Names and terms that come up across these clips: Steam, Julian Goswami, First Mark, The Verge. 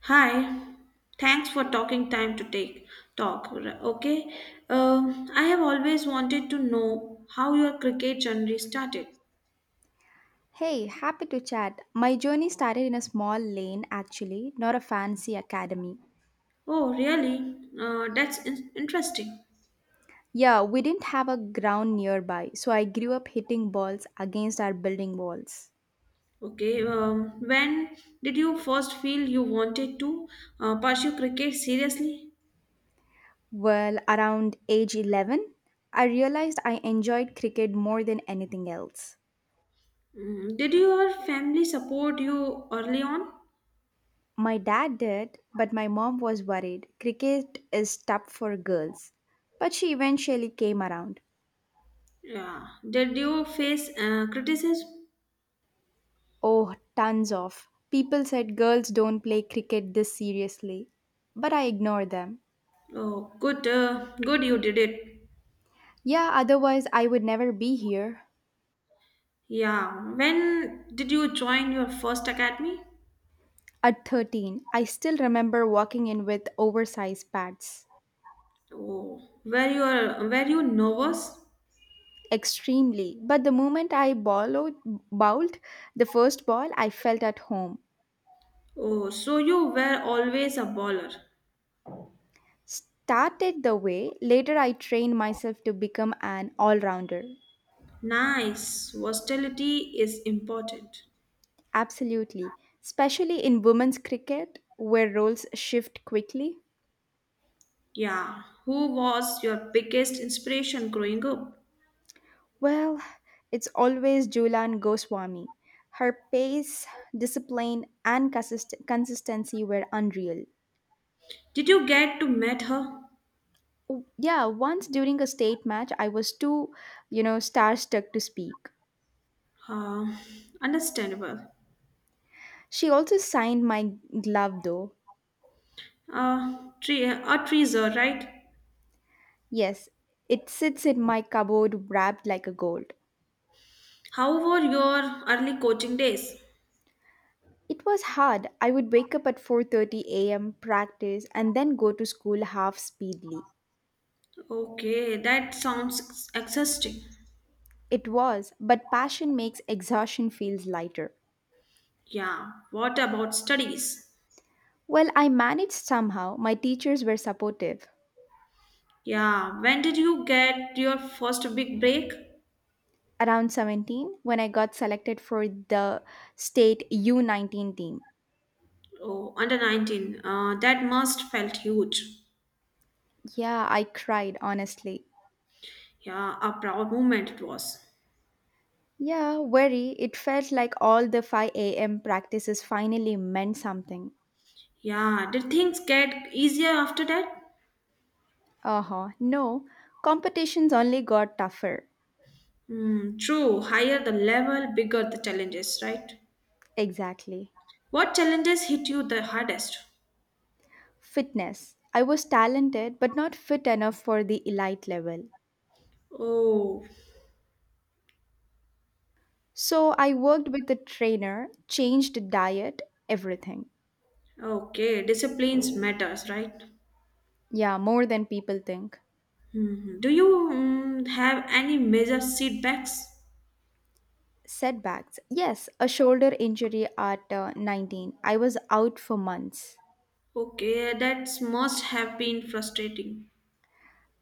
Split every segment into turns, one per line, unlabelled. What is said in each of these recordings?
Hi, thanks for talking time to take talk. Okay. I have always wanted to know how your cricket journey started.
Hey, happy to chat. My journey started in a small lane, actually, not a fancy academy.
Oh, really? That's interesting.
Yeah, we didn't have a ground nearby, so I grew up hitting balls against our building walls.
Okay, when did you first feel you wanted to pursue cricket seriously?
Well, around age 11, I realized I enjoyed cricket more than anything else.
Mm, did your family support you early on?
My dad did, but my mom was worried. Cricket is tough for girls. But she eventually came around.
Yeah. Did you face criticism?
Oh, tons of. People said girls don't play cricket this seriously. But I ignored them.
Oh, good, good, you did it.
Yeah, otherwise I would never be here.
Yeah. When did you join your first academy?
At 13, I still remember walking in with oversized pads.
Oh, were you nervous?
Extremely. But the moment I bowled the first ball, I felt at home.
Oh, so you were always a baller.
Started the way, later I trained myself to become an all rounder.
Nice. Versatility is important.
Absolutely. Especially in women's cricket, where roles shift quickly.
Yeah. Who was your biggest inspiration growing up?
Well, it's always Julian Goswami. Her pace, discipline, and consistency were unreal.
Did you get to meet her?
Yeah, once during a state match, I was too, starstruck to speak.
Uh, Understandable.
She also signed my glove, though.
A treasure, right?
Yes, it sits in my cupboard wrapped like a gold.
How were your early coaching days?
It was hard. I would wake up at 4:30 a.m., practice, and then go to school half speedily.
Okay, that sounds exhausting.
It was, but passion makes exhaustion feels lighter.
Yeah, what about studies?
Well, I managed somehow. My teachers were supportive.
Yeah, when did you get your first big break?
Around 17, when I got selected for the state U19 team.
Oh, under 19. That must felt huge.
Yeah, I cried, honestly.
Yeah, a proud moment it was.
Yeah, very. It felt like all the 5 a.m. practices finally meant something.
Yeah, did things get easier after that?
Uh huh. No, competitions only got tougher.
Hmm, true, higher the level, bigger the challenges, right?
Exactly.
What challenges hit you the hardest?
Fitness. I was talented, but not fit enough for the elite level.
Oh,
So I worked with a trainer, changed diet, everything.
okay, disciplines matters, right?
Yeah, more than people think.
Hmm, hmm. Do you have any major setbacks?
Setbacks. Yes, a shoulder injury at 19. I was out for months.
Okay, that must have been frustrating.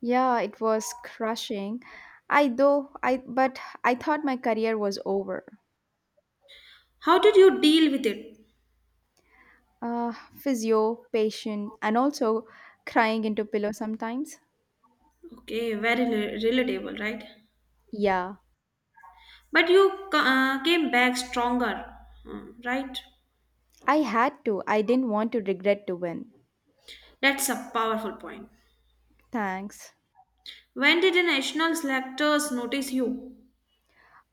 Yeah, it was crushing. I thought my career was over.
How did you deal with it?
Uh, Physio, patient, and also crying into pillow sometimes.
Okay, very relatable, right?
Yeah,
But you came back stronger, hmm, right?
I had to. I didn't want to regret to win.
That's a powerful point.
Thanks.
When did the national selectors notice you?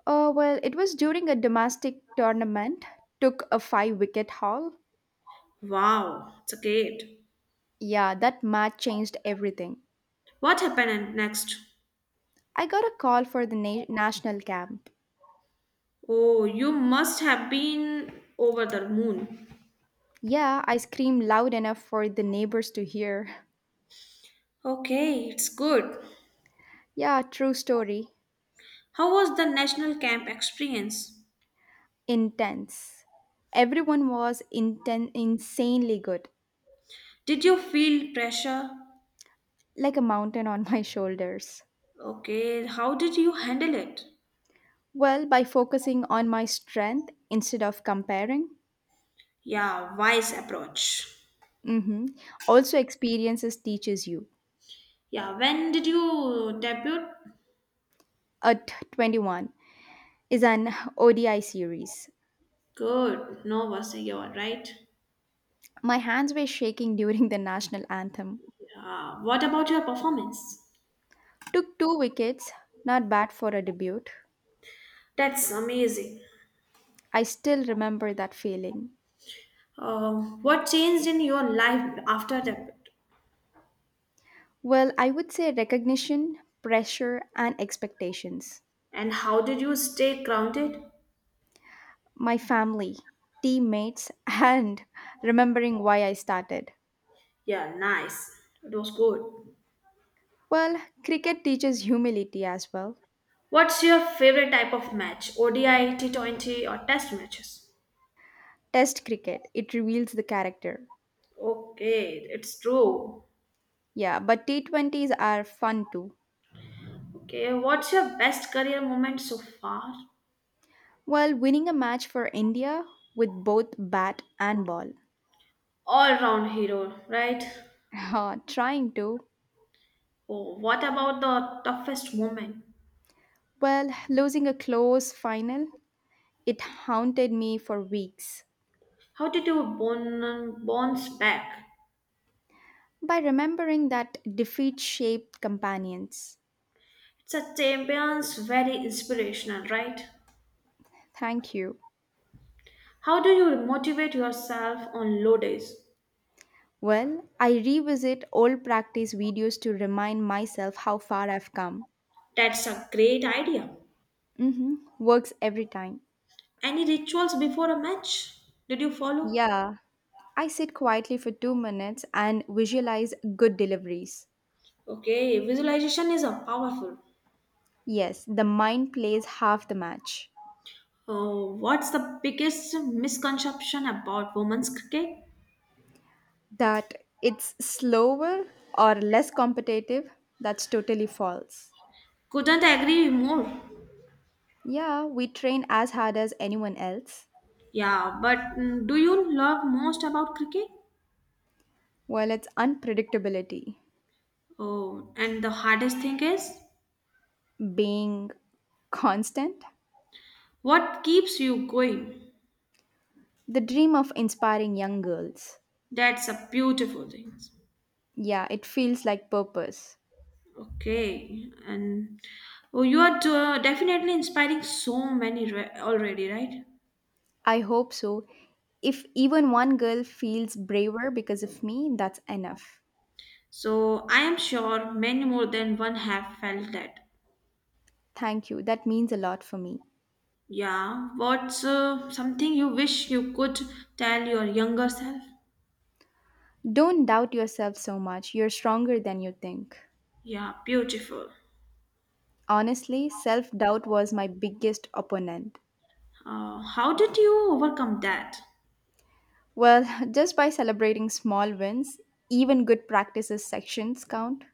Oh well, it was during a domestic tournament. Took a five wicket haul.
Wow, it's a great.
Yeah, that match changed everything.
What happened next?
I got a call for the national camp.
Oh, you must have been over the moon.
Yeah, I screamed loud enough for the neighbors to hear.
Okay, it's good.
Yeah, true story.
How was the national camp experience?
Intense. Everyone was insanely good,
Did you feel pressure?
like a mountain on my shoulders.
Okay, how did you handle it?
Well, by focusing on my strength instead of comparing.
Yeah, wise approach.
hmm Also, experiences teaches you.
Yeah, when did you debut?
At 21 is an ODI series.
Good, no was a year, right?
My hands were shaking during the national anthem.
Yeah, what about your performance?
Took two wickets, not bad for a debut.
That's amazing.
I still remember that feeling.
Uh, what changed in your life after debut?
Well, I would say recognition, pressure, and expectations.
And how did you stay grounded?
My family, teammates, and remembering why I started.
Yeah, nice. It was good.
Well, cricket teaches humility as well.
What's your favorite type of match? ODI, T20, or test matches?
Test cricket, it reveals the character.
Okay, it's true.
Yeah, but T20s are fun too.
Okay, what's your best career moment so far?
Well, winning a match for India with both bat and ball.
All round hero, right?
trying to.
Oh, what about the toughest moment?
Well, losing a close final, it haunted me for weeks.
How did you bounce back?
By remembering that defeat shaped companions.
It's a champion's very inspirational, right?
Thank you.
How do you motivate yourself on low days?
Well, I revisit old practice videos to remind myself how far I've come.
That's a great idea.
Works every time.
Any rituals before a match? Did you follow?
Yeah, I sit quietly for 2 minutes and visualize good deliveries.
Okay, visualization is a powerful.
Yes, the mind plays half the match.
What's the biggest misconception about women's cricket?
That it's slower or less competitive, that's totally false.
Couldn't agree more.
Yeah, we train as hard as anyone else.
Yeah, but do you love most about cricket?
Well, it's unpredictability,
Oh, and the hardest thing is
being constant,
what keeps you going.
the dream of inspiring young girls.
That's a beautiful thing.
Yeah, it feels like purpose.
Okay, and oh, you are definitely inspiring so many already, right?
I hope so. If even one girl feels braver because of me, that's enough.
So I am sure many more than one have felt that.
Thank you. That means a lot for me.
Yeah, what's something you wish you could tell your younger self?
Don't doubt yourself so much. You're stronger than you think.
Yeah, beautiful.
Honestly, self doubt was my biggest opponent.
How did you overcome that?
Well, just by celebrating small wins, even good practices sections count.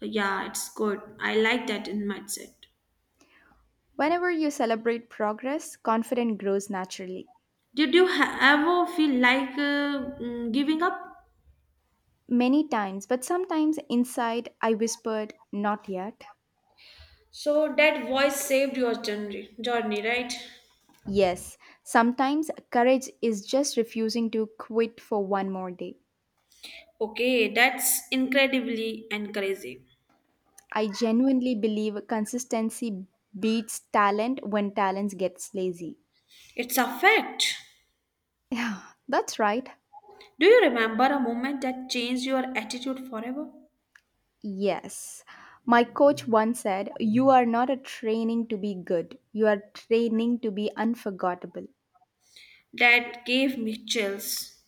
Yeah, it's good. I like that in mindset.
Whenever you celebrate progress, confidence grows naturally.
Did you ever feel like giving up?
Many times, but sometimes inside, I whispered, not yet.
So that voice saved your journey, right?
Yes, sometimes courage is just refusing to quit for one more day.
Okay, that's incredibly encouraging.
I genuinely believe consistency beats talent when talent gets lazy.
It's a fact.
Yeah, that's right.
Do you remember a moment that changed your attitude forever?
Yes. My coach once said, "You are not a training to be good, you are training to be unforgettable."
That gave me chills,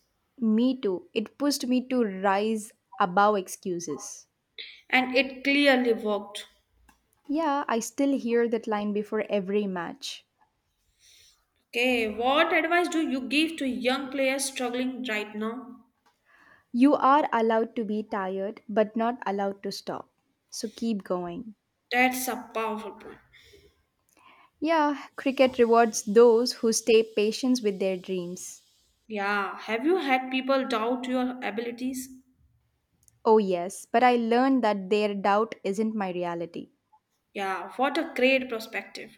Me too. It pushed me to rise above excuses.
and it clearly worked.
Yeah, I still hear that line before every match.
Okay, what advice do you give to young players struggling right now?
You are allowed to be tired, but not allowed to stop. So keep going.
That's a powerful point.
Yeah, cricket rewards those who stay patient with their dreams.
Yeah. Have you had people doubt your abilities?
Oh, yes, but I learned that their doubt isn't my reality.
Yeah. What a great perspective.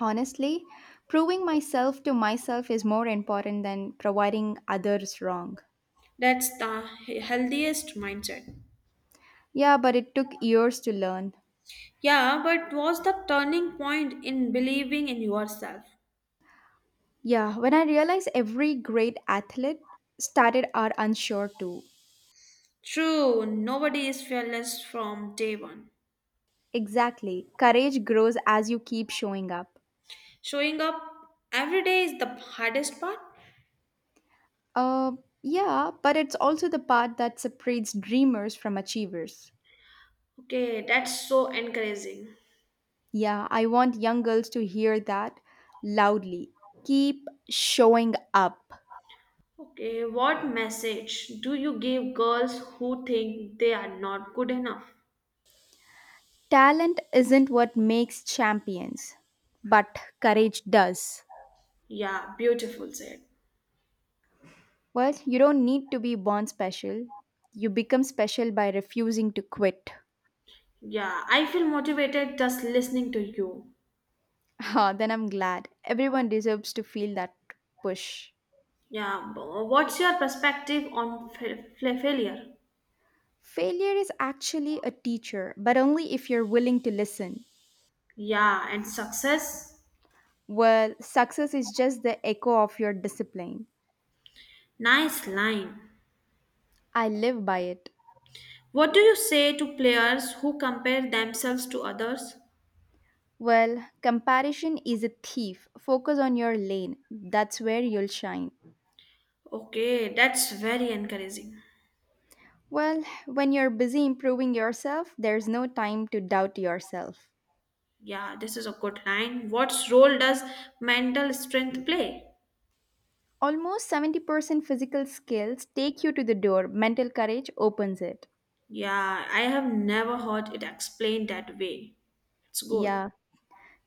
Honestly, proving myself to myself is more important than providing others wrong.
That's the healthiest mindset.
Yeah, but it took years to learn.
Yeah, but was the turning point in believing in yourself?
Yeah, when I realized every great athlete started are unsure too.
True, nobody is fearless from day one.
Exactly. Courage grows as you keep showing up.
Showing up every day is the hardest part.
Uh, yeah, but it's also the part that separates dreamers from achievers.
Okay, that's so encouraging.
Yeah, I want young girls to hear that loudly. Keep showing up.
Okay, what message do you give girls who think they are not good enough?
Talent isn't what makes champions, but courage does.
Yeah, beautiful said.
Well, you don't need to be born special. You become special by refusing to quit.
Yeah, I feel motivated just listening to you.
Ah, then I'm glad. Everyone deserves to feel that push.
Yeah, what's your perspective on failure?
Failure is actually a teacher, but only if you're willing to listen.
Yeah, and success?
Well, success is just the echo of your discipline.
Nice line.
I live by it.
What do you say to players who compare themselves to others?
Well, comparison is a thief. Focus on your lane. That's where you'll shine.
Okay, that's very encouraging.
Well, when you're busy improving yourself, there's no time to doubt yourself.
Yeah, this is a good line. What role does mental strength play?
Almost 70% physical skills take you to the door, mental courage opens it.
Yeah, I have never heard it explained that way. It's good.
Yeah,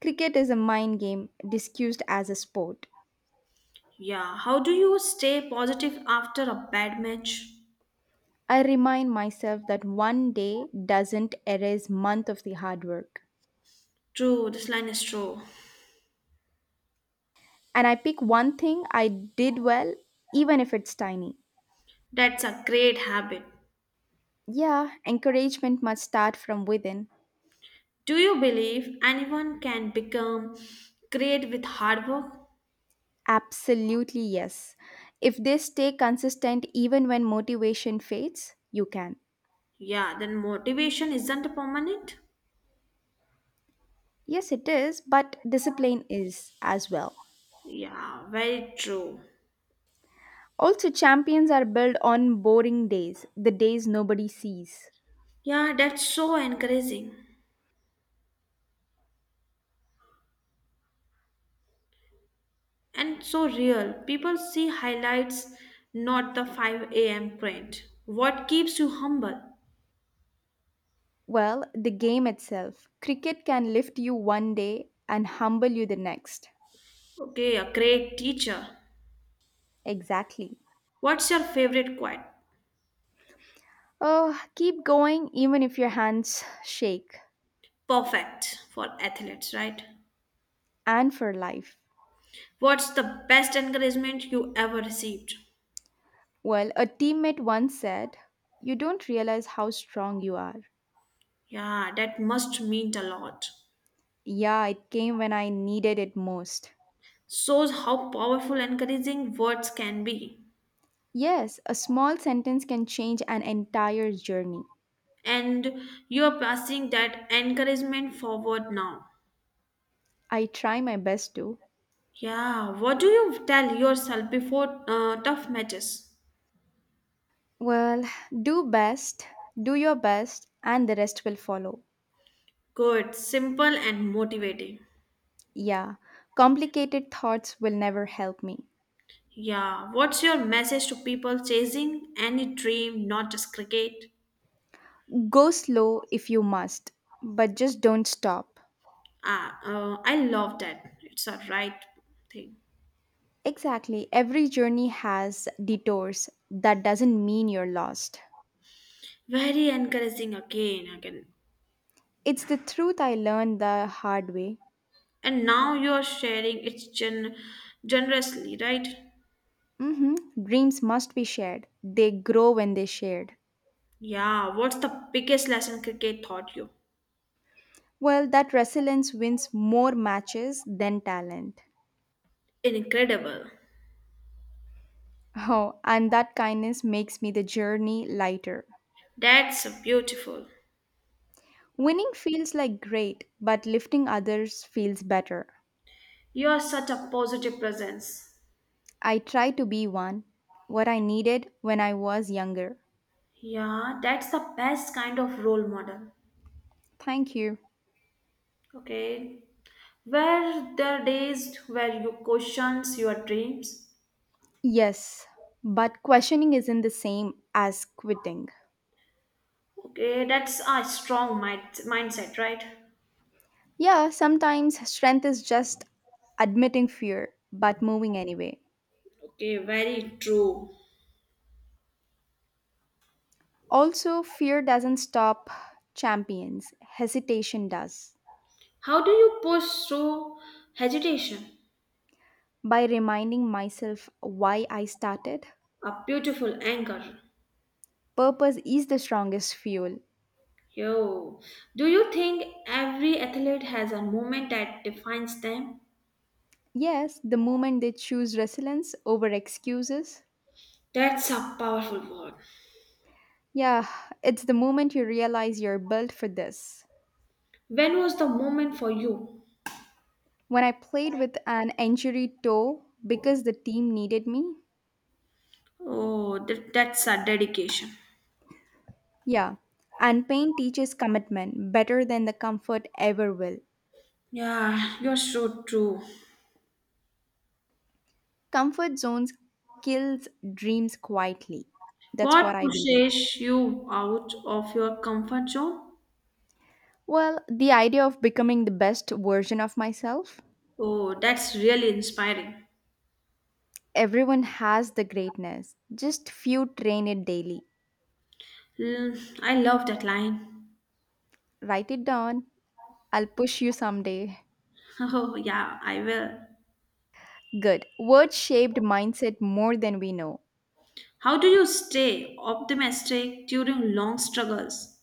cricket is a mind game discussed as a sport.
Yeah, how do you stay positive after a bad match?
I remind myself that one day doesn't erase month of the hard work.
True, this line is true.
And I pick one thing I did well, even if it's tiny.
That's a great habit.
Yeah, encouragement must start from within.
Do you believe anyone can become great with hard work?
Absolutely, yes. If they stay consistent even when motivation fades, you can.
Yeah, then motivation isn't permanent.
Yes, it is, but discipline is as well.
Yeah, very true.
Also, champions are built on boring days, the days nobody sees.
Yeah, that's so encouraging and so real. People see highlights, not the 5 a.m. print. What keeps you humble?
Well, the game itself. Cricket can lift you one day and humble you the next.
Okay, a great teacher.
Exactly.
What's your favorite quote?
Oh, keep going even if your hands shake,
Perfect for athletes, right?
and for life.
What's the best encouragement you ever received?
Well, a teammate once said, "You don't realize how strong you are."
Yeah, that must mean a lot.
Yeah, it came when I needed it most.
Shows how powerful encouraging words can be.
Yes, a small sentence can change an entire journey.
And you're passing that encouragement forward now.
I try my best to.
Yeah, what do you tell yourself before tough matches?
Well, do best, do your best, and the rest will follow.
Good, simple, and motivating.
Yeah, complicated thoughts will never help me.
Yeah, what's your message to people chasing any dream, not just cricket?
Go slow if you must, but just don't stop.
Ah, I love that. It's a right thing.
Exactly, every journey has detours. That doesn't mean you're lost.
Very encouraging again.
It's the truth I learned the hard way.
And now you are sharing it generously, right?
hmm Dreams must be shared. They grow when they shared.
Yeah, what's the biggest lesson cricket taught you?
Well, that resilience wins more matches than talent.
Incredible.
Oh, and that kindness makes me the journey lighter.
That's beautiful.
Winning feels like great, but lifting others feels better.
You are such a positive presence.
I try to be one, what I needed when I was younger.
Yeah, that's the best kind of role model.
Thank you.
Okay. Where there are days where you questions your dreams.
Yes, but questioning isn't the same as quitting.
Okay, that's a strong mindset, right?
Yeah, sometimes strength is just admitting fear, but moving anyway.
Okay, very true.
Also, fear doesn't stop champions, hesitation does.
How do you push through hesitation?
By reminding myself why I started,
A beautiful anchor.
purpose is the strongest fuel.
Yo, do you think every athlete has a moment that defines them?
Yes, the moment they choose resilience over excuses.
That's a powerful word.
Yeah, it's the moment you realize you're built for this.
When was the moment for you?
When I played with an injury toe because the team needed me,
Oh, that's a dedication.
yeah, and pain teaches commitment better than the comfort ever will.
Yeah, you're so true.
Comfort zones kills dreams quietly. That's
What
what I believe.
pushes you out of your comfort zone?
Well, the idea of becoming the best version of myself.
Oh, that's really inspiring.
Everyone has the greatness. Just few train it daily.
Mm, I love that line.
Write it down. I'll push you someday.
Oh, yeah, I will.
Good. Words shaped mindset more than we know.
How do you stay optimistic during long struggles?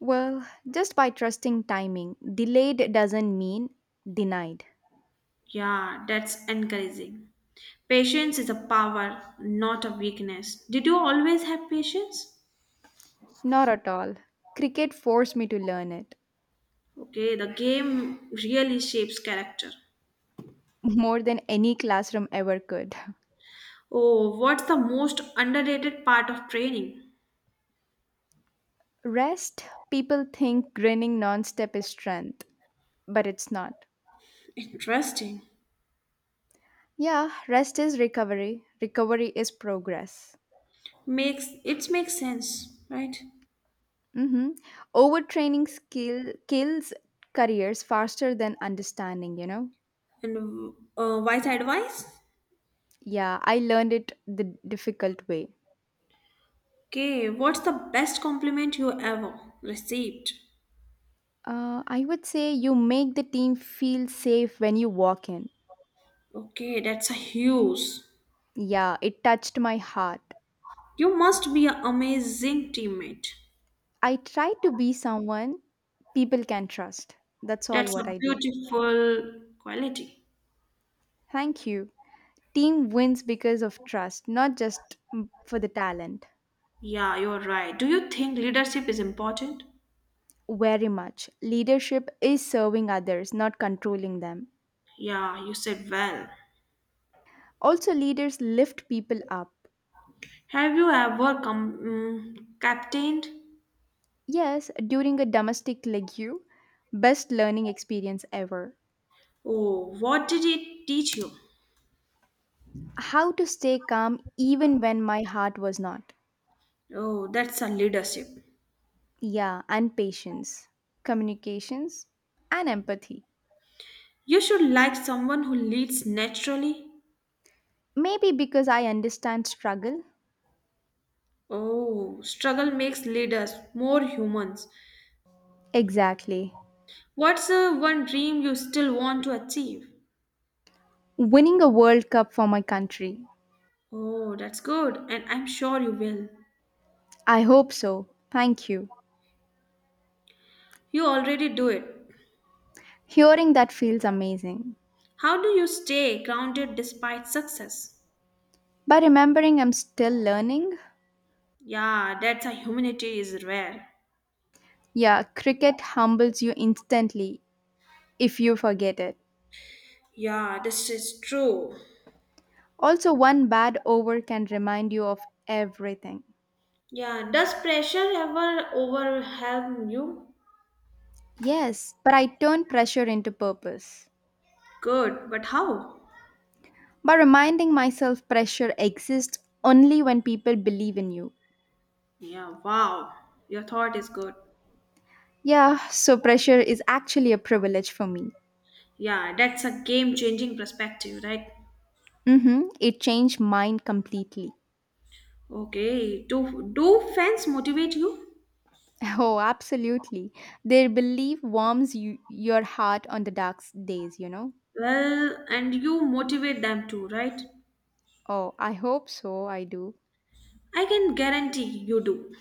Well, just by trusting timing, delayed doesn't mean denied.
Yeah, that's encouraging. Patience is a power, not a weakness. Did you always have patience?
Not at all. Cricket forced me to learn it
Okay, the game really shapes character.
more than any classroom ever could.
Oh, what's the most underrated part of training?
Rest, people think grinning nonstop is strength, but it's not.
Interesting.
Yeah, rest is recovery. Recovery is progress.
Makes sense, right?
hmm Overtraining skill kills careers faster than understanding, you know?
And wise advice?
Yeah, I learned it the difficult way.
Okay, what's the best compliment you ever received?
I would say you make the team feel safe when you walk in.
Okay, that's a huge.
Yeah, it touched my heart.
You must be an amazing teammate.
I try to be someone people can trust. That's all
That's
what
a
I do.
beautiful quality.
Thank you. Team wins because of trust, not just for the talent.
Yeah, you're right. Do you think leadership is important?
Very much. Leadership is serving others, not controlling them.
Yeah, you said well.
Also, leaders lift people up.
Have you ever come captained?
Yes, during a domestic legue, best learning experience ever.
Oh, what did it teach you?
How to stay calm even when my heart was not.
Oh, that's a leadership.
Yeah, and patience, communications, and empathy.
You should like someone who leads naturally.
Maybe because I understand struggle.
Oh, struggle makes leaders more humans.
Exactly.
What's the one dream you still want to achieve?
Winning a World Cup for my country.
Oh, that's good, and I'm sure you will.
I hope so. Thank you.
You already do it.
Hearing that feels amazing.
How do you stay grounded despite success?
But remembering I'm still learning?
Yeah, that's a humanity is rare.
Yeah, cricket humbles you instantly if you forget it.
Yeah, this is true.
Also, one bad over can remind you of everything.
Yeah, does pressure ever overwhelm you?
Yes, but I turn pressure into purpose.
Good, but how?
By reminding myself pressure exists only when people believe in you.
Yeah, wow, your thought is good.
Yeah, so pressure is actually a privilege for me.
Yeah, that's a game changing perspective, right?
Mm-hmm, it changed mine completely.
Okay, do fans motivate you?
Oh, absolutely. Their belief warms you, your heart on the dark days, you know?
Well, and you motivate them too, right?
Oh, I hope so, I do.
I can guarantee you do.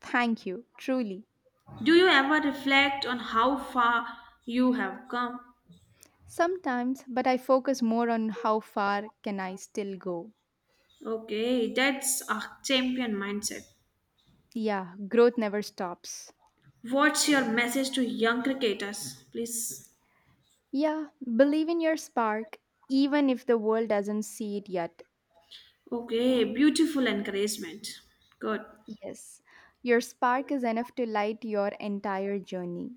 Thank you, truly.
Do you ever reflect on how far you have come?
Sometimes, but I focus more on how far can I still go.
Okay, that's a champion mindset.
Yeah, growth never stops.
What's your message to young cricketers, please?
Yeah, believe in your spark, even if the world doesn't see it yet.
Okay, beautiful encouragement. Good.
Yes, your spark is enough to light your entire journey.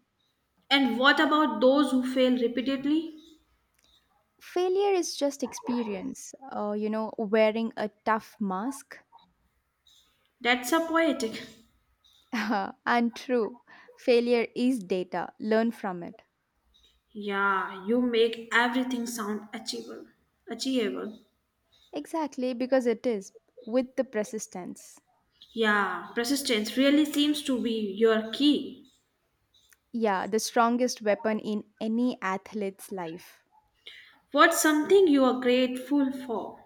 And what about those who fail repeatedly?
Failure is just experience, wearing a tough mask.
That's a poetic.
and true, failure is data. Learn from it.
Yeah, you make everything sound achievable.
Exactly, because it is with the persistence.
Yeah, persistence really seems to be your key.
Yeah, the strongest weapon in any athlete's life.
What's something you are grateful for?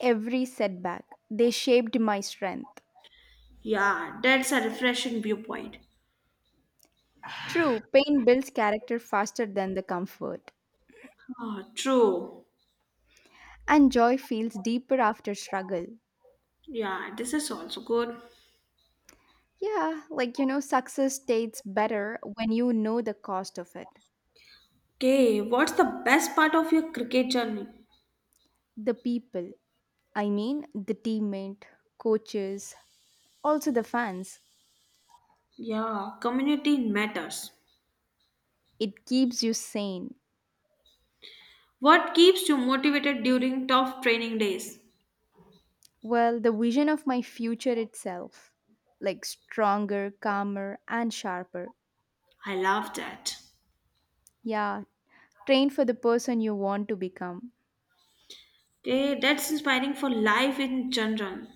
Every setback, they shaped my strength.
Yeah, that's a refreshing viewpoint.
True, pain builds character faster than the comfort,
Ah, true.
and joy feels deeper after struggle.
Yeah, this is also good.
Yeah, like, success tastes better when you know the cost of it.
Okay, what's the best part of your cricket journey?
The people, I mean, the teammate, coaches, also the fans,
Yeah, community matters.
it keeps you sane.
What keeps you motivated during tough training days?
Well, the vision of my future itself, like stronger, calmer, and sharper.
I love that.
Yeah, train for the person you want to become.
Okay, that's inspiring for life in general.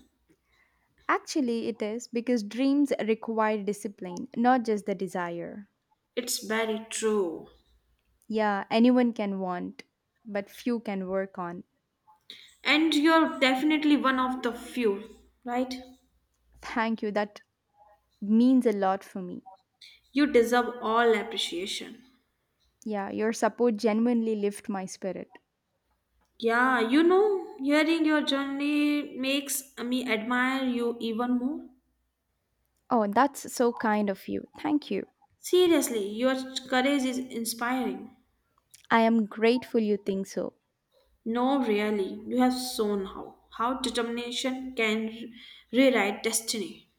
Actually, it is, because dreams require discipline, not just the desire.
It's very true.
Yeah, anyone can want, but few can work on.
And you're definitely one of the few, right?
Thank you, that means a lot for me.
You deserve all appreciation.
Yeah, your support genuinely lift my spirit.
Yeah, you know, hearing your journey makes me admire you even more.
Oh, that's so kind of you, thank you.
Seriously, your courage is inspiring.
I am grateful you think so.
No, really, you have shown how determination can rewrite destiny.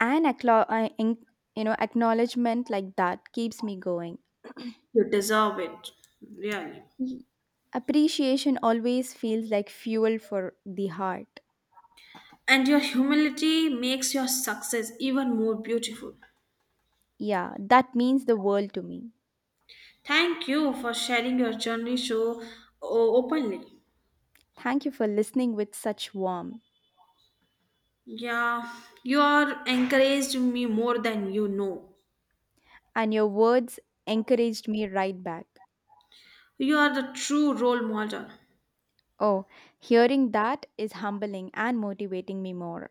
And acklo- I en- you know acknowledgement like that keeps me going.
You deserve it, really.
Y- Appreciation always feels like fuel for the heart.
And your humility makes your success even more beautiful.
Yeah, that means the world to me.
Thank you for sharing your journey so openly.
Thank you for listening with such warmth,
Yeah, you are encouraged me more than you know.
and your words encouraged me right back.
You are the true role model.
Oh, hearing that is humbling and motivating me more.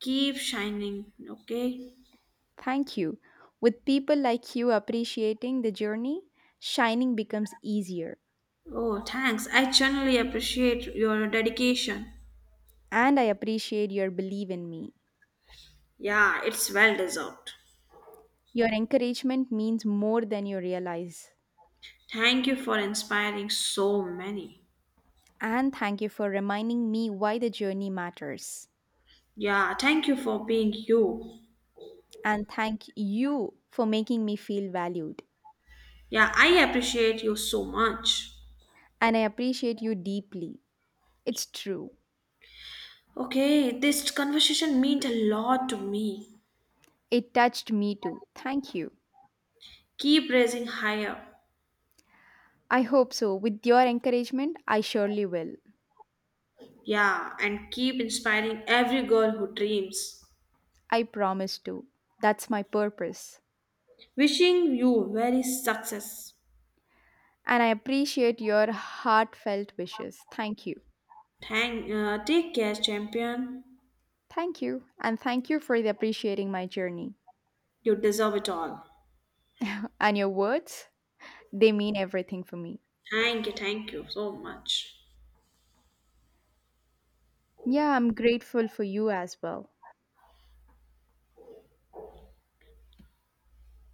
Keep shining, okay?
Thank you. With people like you appreciating the journey, shining becomes easier.
Oh, thanks. I genuinely appreciate your dedication.
And I appreciate your belief in me.
Yeah, it's well deserved.
Your encouragement means more than you realize.
Thank you for inspiring so many.
And thank you for reminding me why the journey matters.
Yeah, thank you for being you.
And thank you for making me feel valued.
Yeah, I appreciate you so much.
And I appreciate you deeply. It's true.
Okay, this conversation meant a lot to me.
It touched me too. Thank you.
Keep raising higher.
I hope so. With your encouragement, I surely will.
Yeah, and keep inspiring every girl who dreams.
I promise to. That's my purpose.
Wishing you very success.
And I appreciate your heartfelt wishes. Thank you.
Take care, champion.
Thank you, and thank you for the appreciating my journey.
You deserve it all.
And your words, they mean everything for me.
Thank you so much.
Yeah, I'm grateful for you as well.